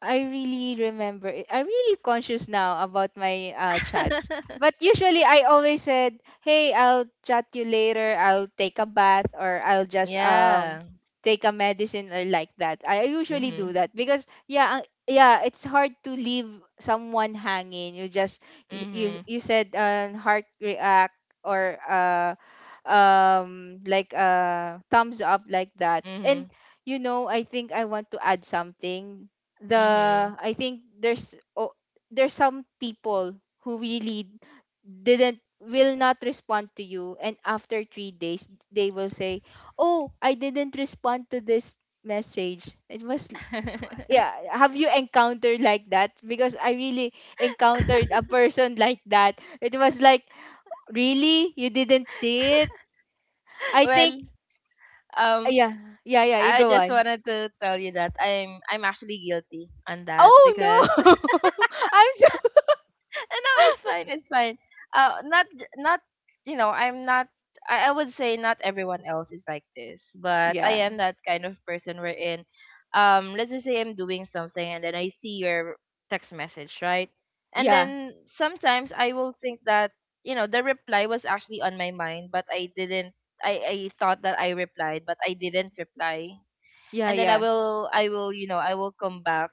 I really remember it. I'm really conscious now about my chats. But usually I always said, "Hey, I'll chat you later. I'll take a bath, or I'll just
Yeah.
take a medicine, or like that." I usually
Mm-hmm.
do that because yeah, yeah, it's hard to leave someone hanging. You just, you you,
Mm-hmm.
you said heart react or like thumbs up like that. And
Mm-hmm.
you know, I think I want to add something. The,
Mm-hmm.
I think there's, oh, there's some people who really didn't will not respond to you, and after 3 days they will say, "Oh, I didn't respond to this message." It was yeah, have you encountered like that? Because I really encountered a person like that. It was like, "Really? You didn't see it?" I think
Well, um
yeah. Yeah, yeah, you
I
go
just
on.
wanted to tell you that I'm actually guilty on that
Oh,
because
no. I'm so
No, it's fine. It's fine. Not, you know, I'm not. I would say not everyone else is like this, but
yeah.
I am that kind of person wherein, let's just say I'm doing something and then I see your text message, right? And
Yeah.
then sometimes I will think that, you know, the reply was actually on my mind, but I didn't. I thought that I replied, but I didn't reply.
Yeah,
And then I
yeah.
will I will you know, I will come back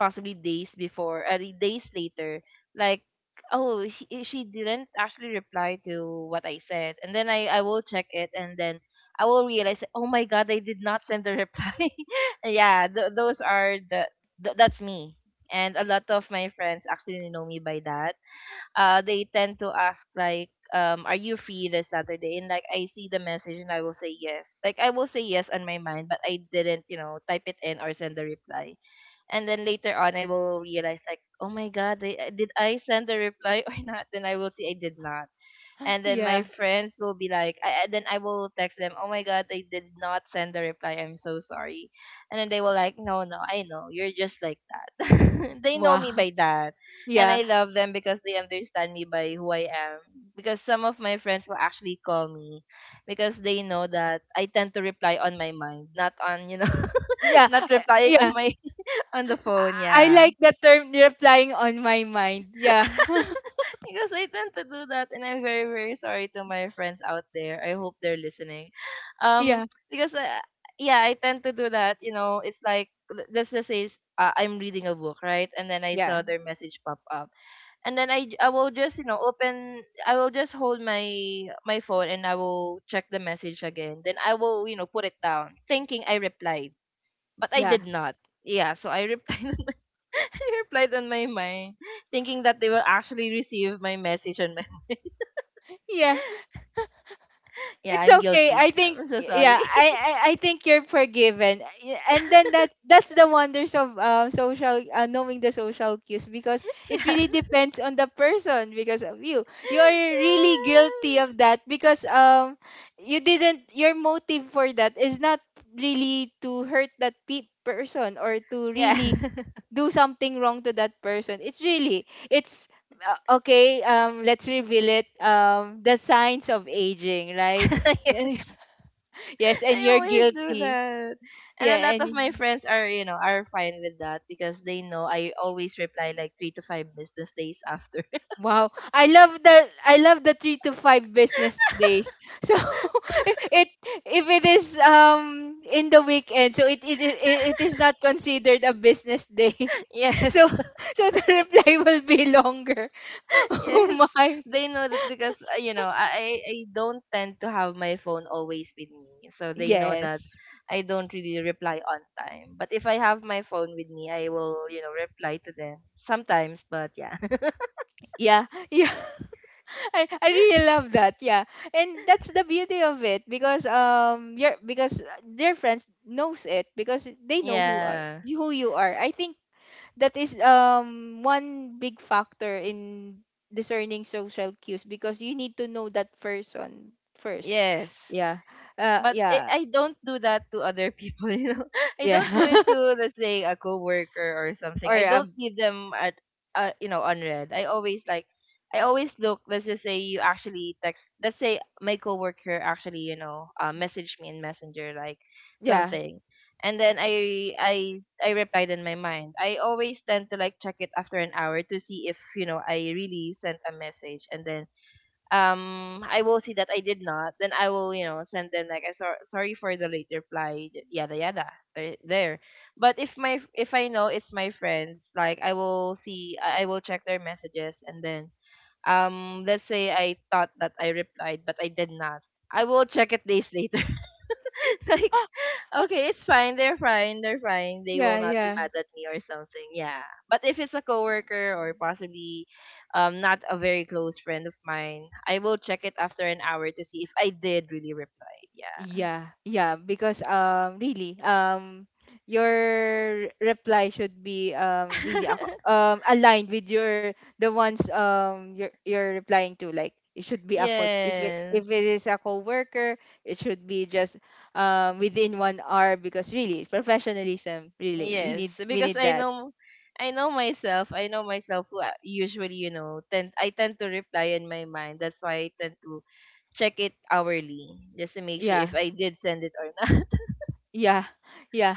possibly days later, like, oh she didn't actually reply to what I said, and then I will check it, and then I will realize, oh my god, I did not send the reply. Yeah, th- those are the th- that's me. And a lot of my friends actually know me by that. They tend to ask like, um, are you free this Saturday, and like I see the message and I will say yes, like I will say yes on my mind, but I didn't, you know, type it in or send the reply. And then later on I will realize like, oh my god, did I send the reply or not? Then I will see I did not. And then my
Yeah.
friends will be like, then I will text them, oh my god, I did not send the reply. I'm so sorry. And then they will like, no, no, I know. You're just like that. They know me
Wow.
by that. And
Yeah.
I love them because they understand me by who I am. Because some of my friends will actually call me because they know that I tend to reply on my mind, not on, you know,
Yeah.
not replying
Yeah.
on my on the phone,
I
yeah.
like that term, replying on my mind. Yeah.
Because I tend to do that and I'm very, very sorry to my friends out there. I hope they're listening. Um,
Yeah.
because, yeah, I tend to do that. You know, it's like, let's just say I'm reading a book, right? And then I
Yeah.
saw their message pop up. And then I will just, you know, open, I will just hold my, my phone and I will check the message again. Then I will, you know, put it down thinking I replied. But I
Yeah.
did not. Yeah, so I replied. Replied on my mind, thinking that they will actually receive my message on my.
Yeah.
Yeah,
It's
I'm
okay.
guilty.
I think
I'm so
yeah,
sorry.
I think you're forgiven. And then that, that's the wonders of social knowing the social cues because it
Yeah.
really depends on the person. Because of you, You are really
Yeah.
guilty of that because you didn't your motive for that is not really to hurt that person or to
Yeah.
really do something wrong to that person, it's really it's okay. Let's reveal it, the signs of aging, right?
Yes.
Yes, and
I
you're
always do
guilty.
that. And a
Yeah,
lot
and
of my friends are, you know, are fine with that because they know I always reply like three to five business days after.
wow, I love the, I love the 3 to 5 business days. So it, if it is in the weekend, so it is not considered a business day. So
Yes.
so the reply will be longer. Oh
Yes,
my.
they know that because, you know, I don't tend to have my phone always with me, so they know that
Yes.
I don't really reply on time. But if I have my phone with me, I will, you know, reply to them sometimes. But yeah,
Yeah, yeah, I really love that. Yeah, and that's the beauty of it because your, because their friends knows it, because they know who are
yeah,
who you are. I think that is one big factor in discerning social cues, because you need to know that person first.
yes,
Yeah,
but I
yeah,
I don't do that to other people, you know. I
yeah,
don't do it to, let's say, a coworker or something. I
or
don't leave them at you know, unread. I always like I always look. Let's just say you actually text. Let's say my coworker actually, you know, messaged me in Messenger like
yeah,
something, and then I replied in my mind. I always tend to like check it after an hour to see if, you know, I really sent a message, and then, um, I will see that I did not, then I will, you know, send them like I sorry for the late reply, yada yada there. There. But if my if I know it's my friends, like I will check their messages and then, um, let's say I thought that I replied but I did not. I will check it days later. Like, okay, it's fine. They're fine. They're fine. They will
yeah,
not be
yeah.
mad at me or something. Yeah. But if it's a coworker or possibly, um, not a very close friend of mine, I will check it after an hour to see if I did really reply. Yeah.
Yeah, yeah, because really your reply should be really aligned with your, the ones you're replying to, like it should be a
Yes.
if it is a coworker, it should be just within 1 hour, because really professionalism, really
Yes,
we
because
need that.
I know myself. I know myself who usually, you know, tend I tend to reply in my mind. That's why I tend to check it hourly just to make sure if
Yeah,
I did send it or not.
yeah, yeah.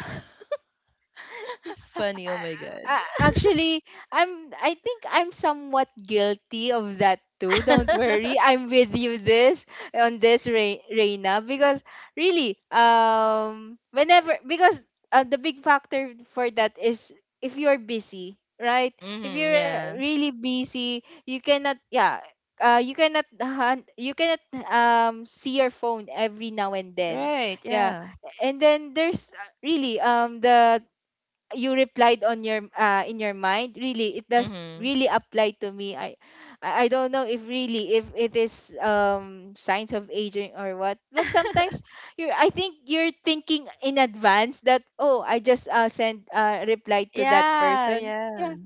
It's funny. Oh my god.
a- a- actually I think I'm somewhat guilty of that too, don't worry, I'm with you this on this, Reina, because really whenever, because the big factor for that is if you're busy, right? If
Mhm.
you're
Yeah.
really busy, you cannot, yeah, you cannot you cannot see your phone every now and then.
Right.
Yeah,
Yeah.
and then there's really the, you replied on your in your mind. Really it does
Mhm.
really apply to me. I I don't know if really if it is signs of aging or what, but sometimes you are, I think you're thinking in advance that, oh, I just sent a reply to that
Yeah.
person.
Yeah.
Yeah,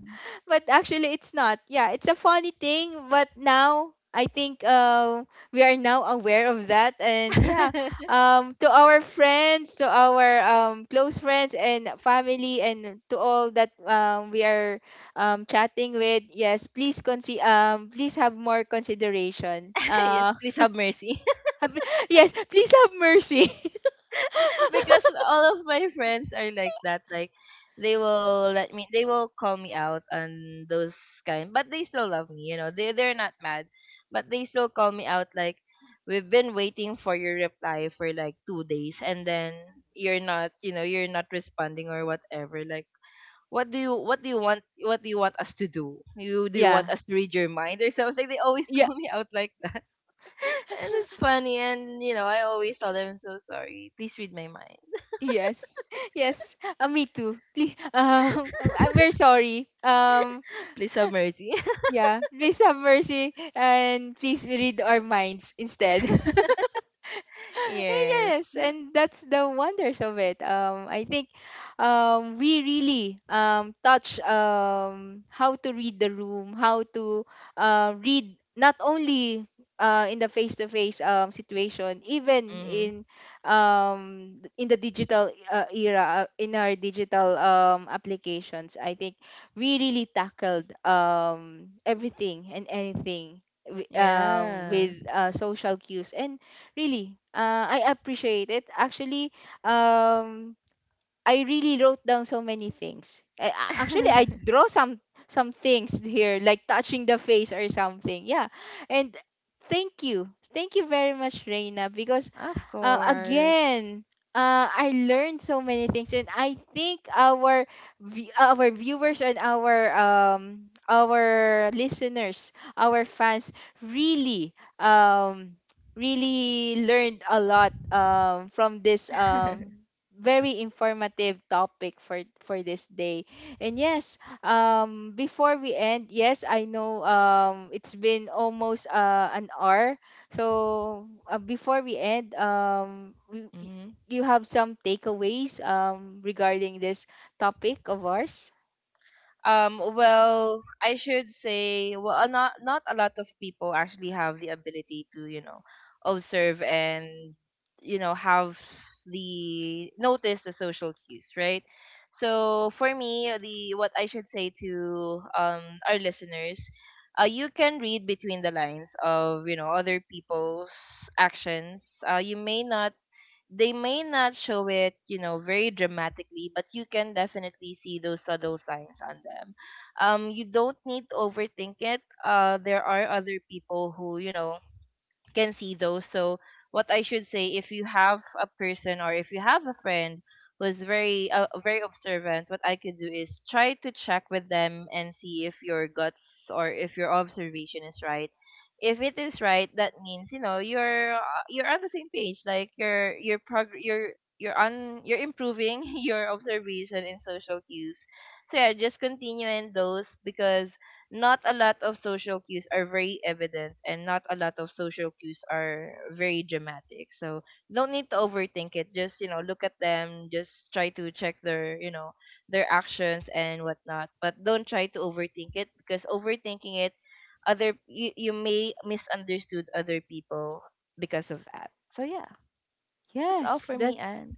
but actually it's not. Yeah, it's a funny thing, but now I think we are now aware of that, and yeah, to our friends, to our close friends and family, and to all that we are chatting with, yes, please please have more consideration.
Yes. Please have mercy.
Have, yes, please have mercy.
Because all of my friends are like that. Like they will let me. They will call me out on those kind. But they still love me. You know. They they're not mad. But they still call me out. Like we've been waiting for your reply for like 2 days, and then you're not. You know. You're not responding or whatever. Like what do you want what do you want us to do? You do you want
Yeah,
us to read your mind or something? They always
yeah.
call me out like that. And it's funny, and you know, I always tell them, I'm so sorry, please read my mind.
Yes, yes, me too, please. I'm very sorry.
Please have mercy.
Yeah, please have mercy and please read our minds instead.
Yes.
Yes, and that's the wonders of it. I think we really touch how to read the room, how to read not only in the face to face situation, even
Hmm.
in the digital era, in our digital applications. I think we really tackled everything and anything,
Yeah.
with social cues, and really, I appreciate it. Actually, um, I really wrote down so many things. I, actually, I draw some things here, like touching the face or something. Yeah, and thank you very much, Reina, because
Of course.
again I learned so many things, and I think our our viewers and our listeners, our fans, really um really learned a lot from this very informative topic for this day. And yes, before we end, yes I know it's been almost an hour. So before we end, we,
Mhm.
you have some takeaways regarding this topic of ours?
Well, I should say, well, not not a lot of people actually have the ability to, you know, observe and, you know, have the notice the social cues, right? So for me, the what I should say to, um, our listeners, you can read between the lines of, you know, other people's actions. You may not they may not show it, you know, very dramatically, but you can definitely see those subtle signs on them. You don't need to overthink it. There are other people who, you know, can see those. So what I should say, if you have a person or if you have a friend who's very, very observant, what I could do is try to check with them and see if your guts or if your observation is right. If it is right, that means, you know, you're, you're on the same page. Like you're you're you're on you're improving your observation in social cues. So yeah, just continue in those because not a lot of social cues are very evident and not a lot of social cues are very dramatic, so don't need to overthink it, just, you know, look at them, just try to check their, you know, their actions and whatnot, but don't try to overthink it because overthinking it, other you may misunderstood other people because of that. So yeah, that's all
Yes,
for
that,
me. And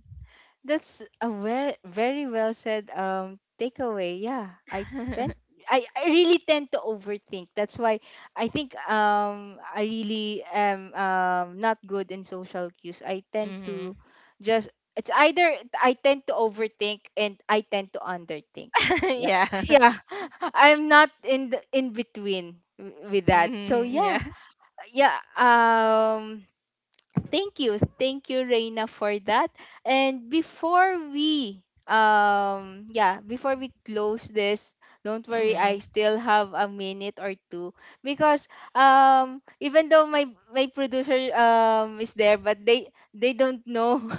that's a very very well said takeaway. Yeah, I tend, I really tend to overthink. That's why I think I really am not good in social cues. I tend
mm-hmm.
to just, it's either I tend to overthink and I tend to underthink. Like,
Yeah.
yeah, I'm not in the in between with that. So
Hmm.
yeah,
Yeah.
yeah. Thank you. Thank you, Reina, for that. And before we yeah, before we close this, don't worry, I
Hmm.
still have a minute or two, because even though my producer is there, but they don't know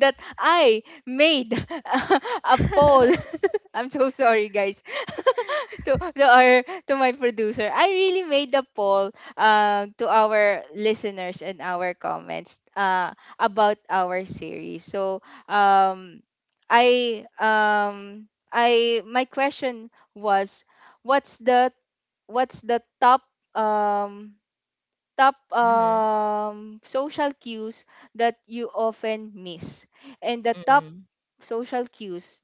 that I made a poll. I'm so sorry, guys. To our, to my producer, I really made the poll to our listeners and our comments about our series. So um, I I my question was, what's the, what's the top um, top
Hmm.
social cues that you often miss, and the top
Hmm.
social cues,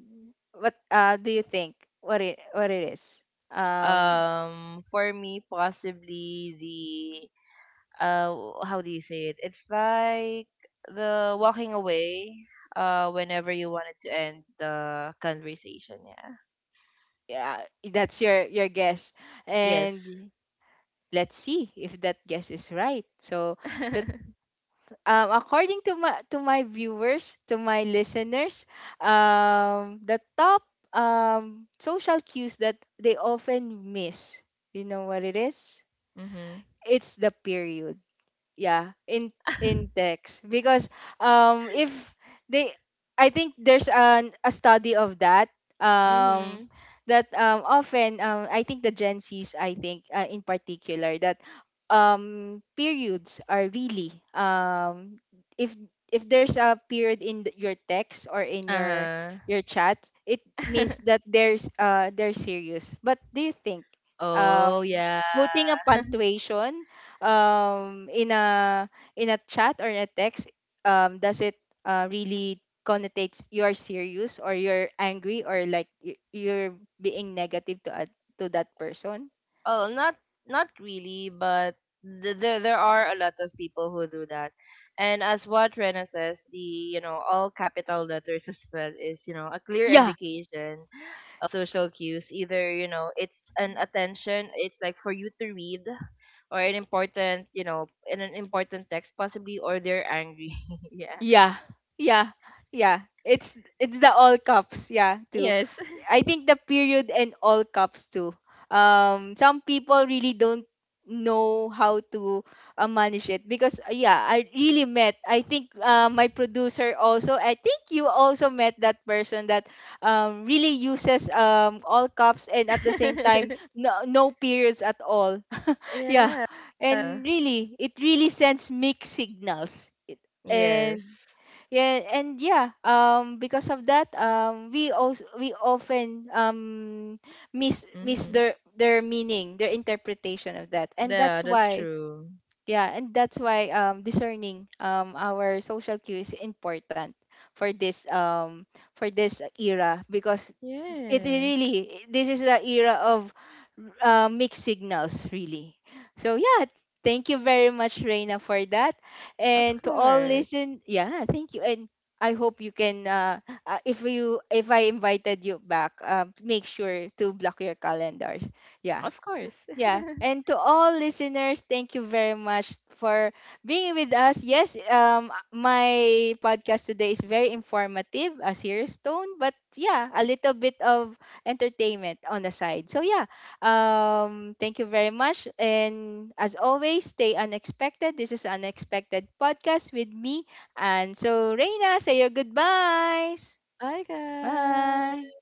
what do you think what it, what it is? um,
For me, possibly the, how do you say it? It's like the walking away. Whenever you wanted to end the conversation. Yeah.
yeah, that's your guess,
Yes.
and let's see if that guess is right. So that, according to my, to my viewers, to my listeners, the top social cues that they often miss, you know what it is?
Mhm.
It's the period, yeah, in text, because if they, I think there's an a study of that, um
Mhm.
that often I think the gen z's, I think in particular, that periods are really if if there's a period in your text or in your
Uh huh.
your chat, it means that there's they're serious. But do you think
Oh
um
yeah.
putting a punctuation um in a in a chat or in a text, does it really connotates you are serious or you're angry, or like you're being negative to a, to that person?
Oh, not not really, but there there are a lot of people who do that. And as what Rena says, the, you know, all capital letters as well is, you know, a clear
Yeah,
indication of social cues. Either, you know, it's an attention, it's like for you to read, or an important, you know, in an important text possibly, or they're angry. Yeah.
yeah, yeah, yeah, it's the all cups, yeah, too.
Yes.
I think the period and all cups too. Some people really don't know how to manage it, because yeah, I really met, I think my producer also, I think you also met that person that really uses all cups and at the same time no no periods at all. Yeah,
Yeah.
and really, it really sends mixed signals. It,
Yes.
and yeah, and yeah, because of that, we also we often miss, miss
Mhm.
their meaning, their interpretation of that, and that's
Yeah, that's
why,
true.
yeah, and that's why discerning our social cue is important for this um for this era, because it
Yes.
really, this is the era of mixed signals, really. So yeah, thank you very much, Reina, for that,
Of
and to all
course.
listen, yeah, thank you, and I hope you can if you, if I invited you back, make sure to block your calendars. Yeah.
Of course.
Yeah, and to all listeners, thank you very much for being with us. Yes, my podcast today is very informative as here Stone, but yeah, a little bit of entertainment on the side. So yeah, thank you very much, and as always, stay unexpected. This is unexpected podcast with me, and so Reina, say your goodbyes.
Bye,
Bye.
guys.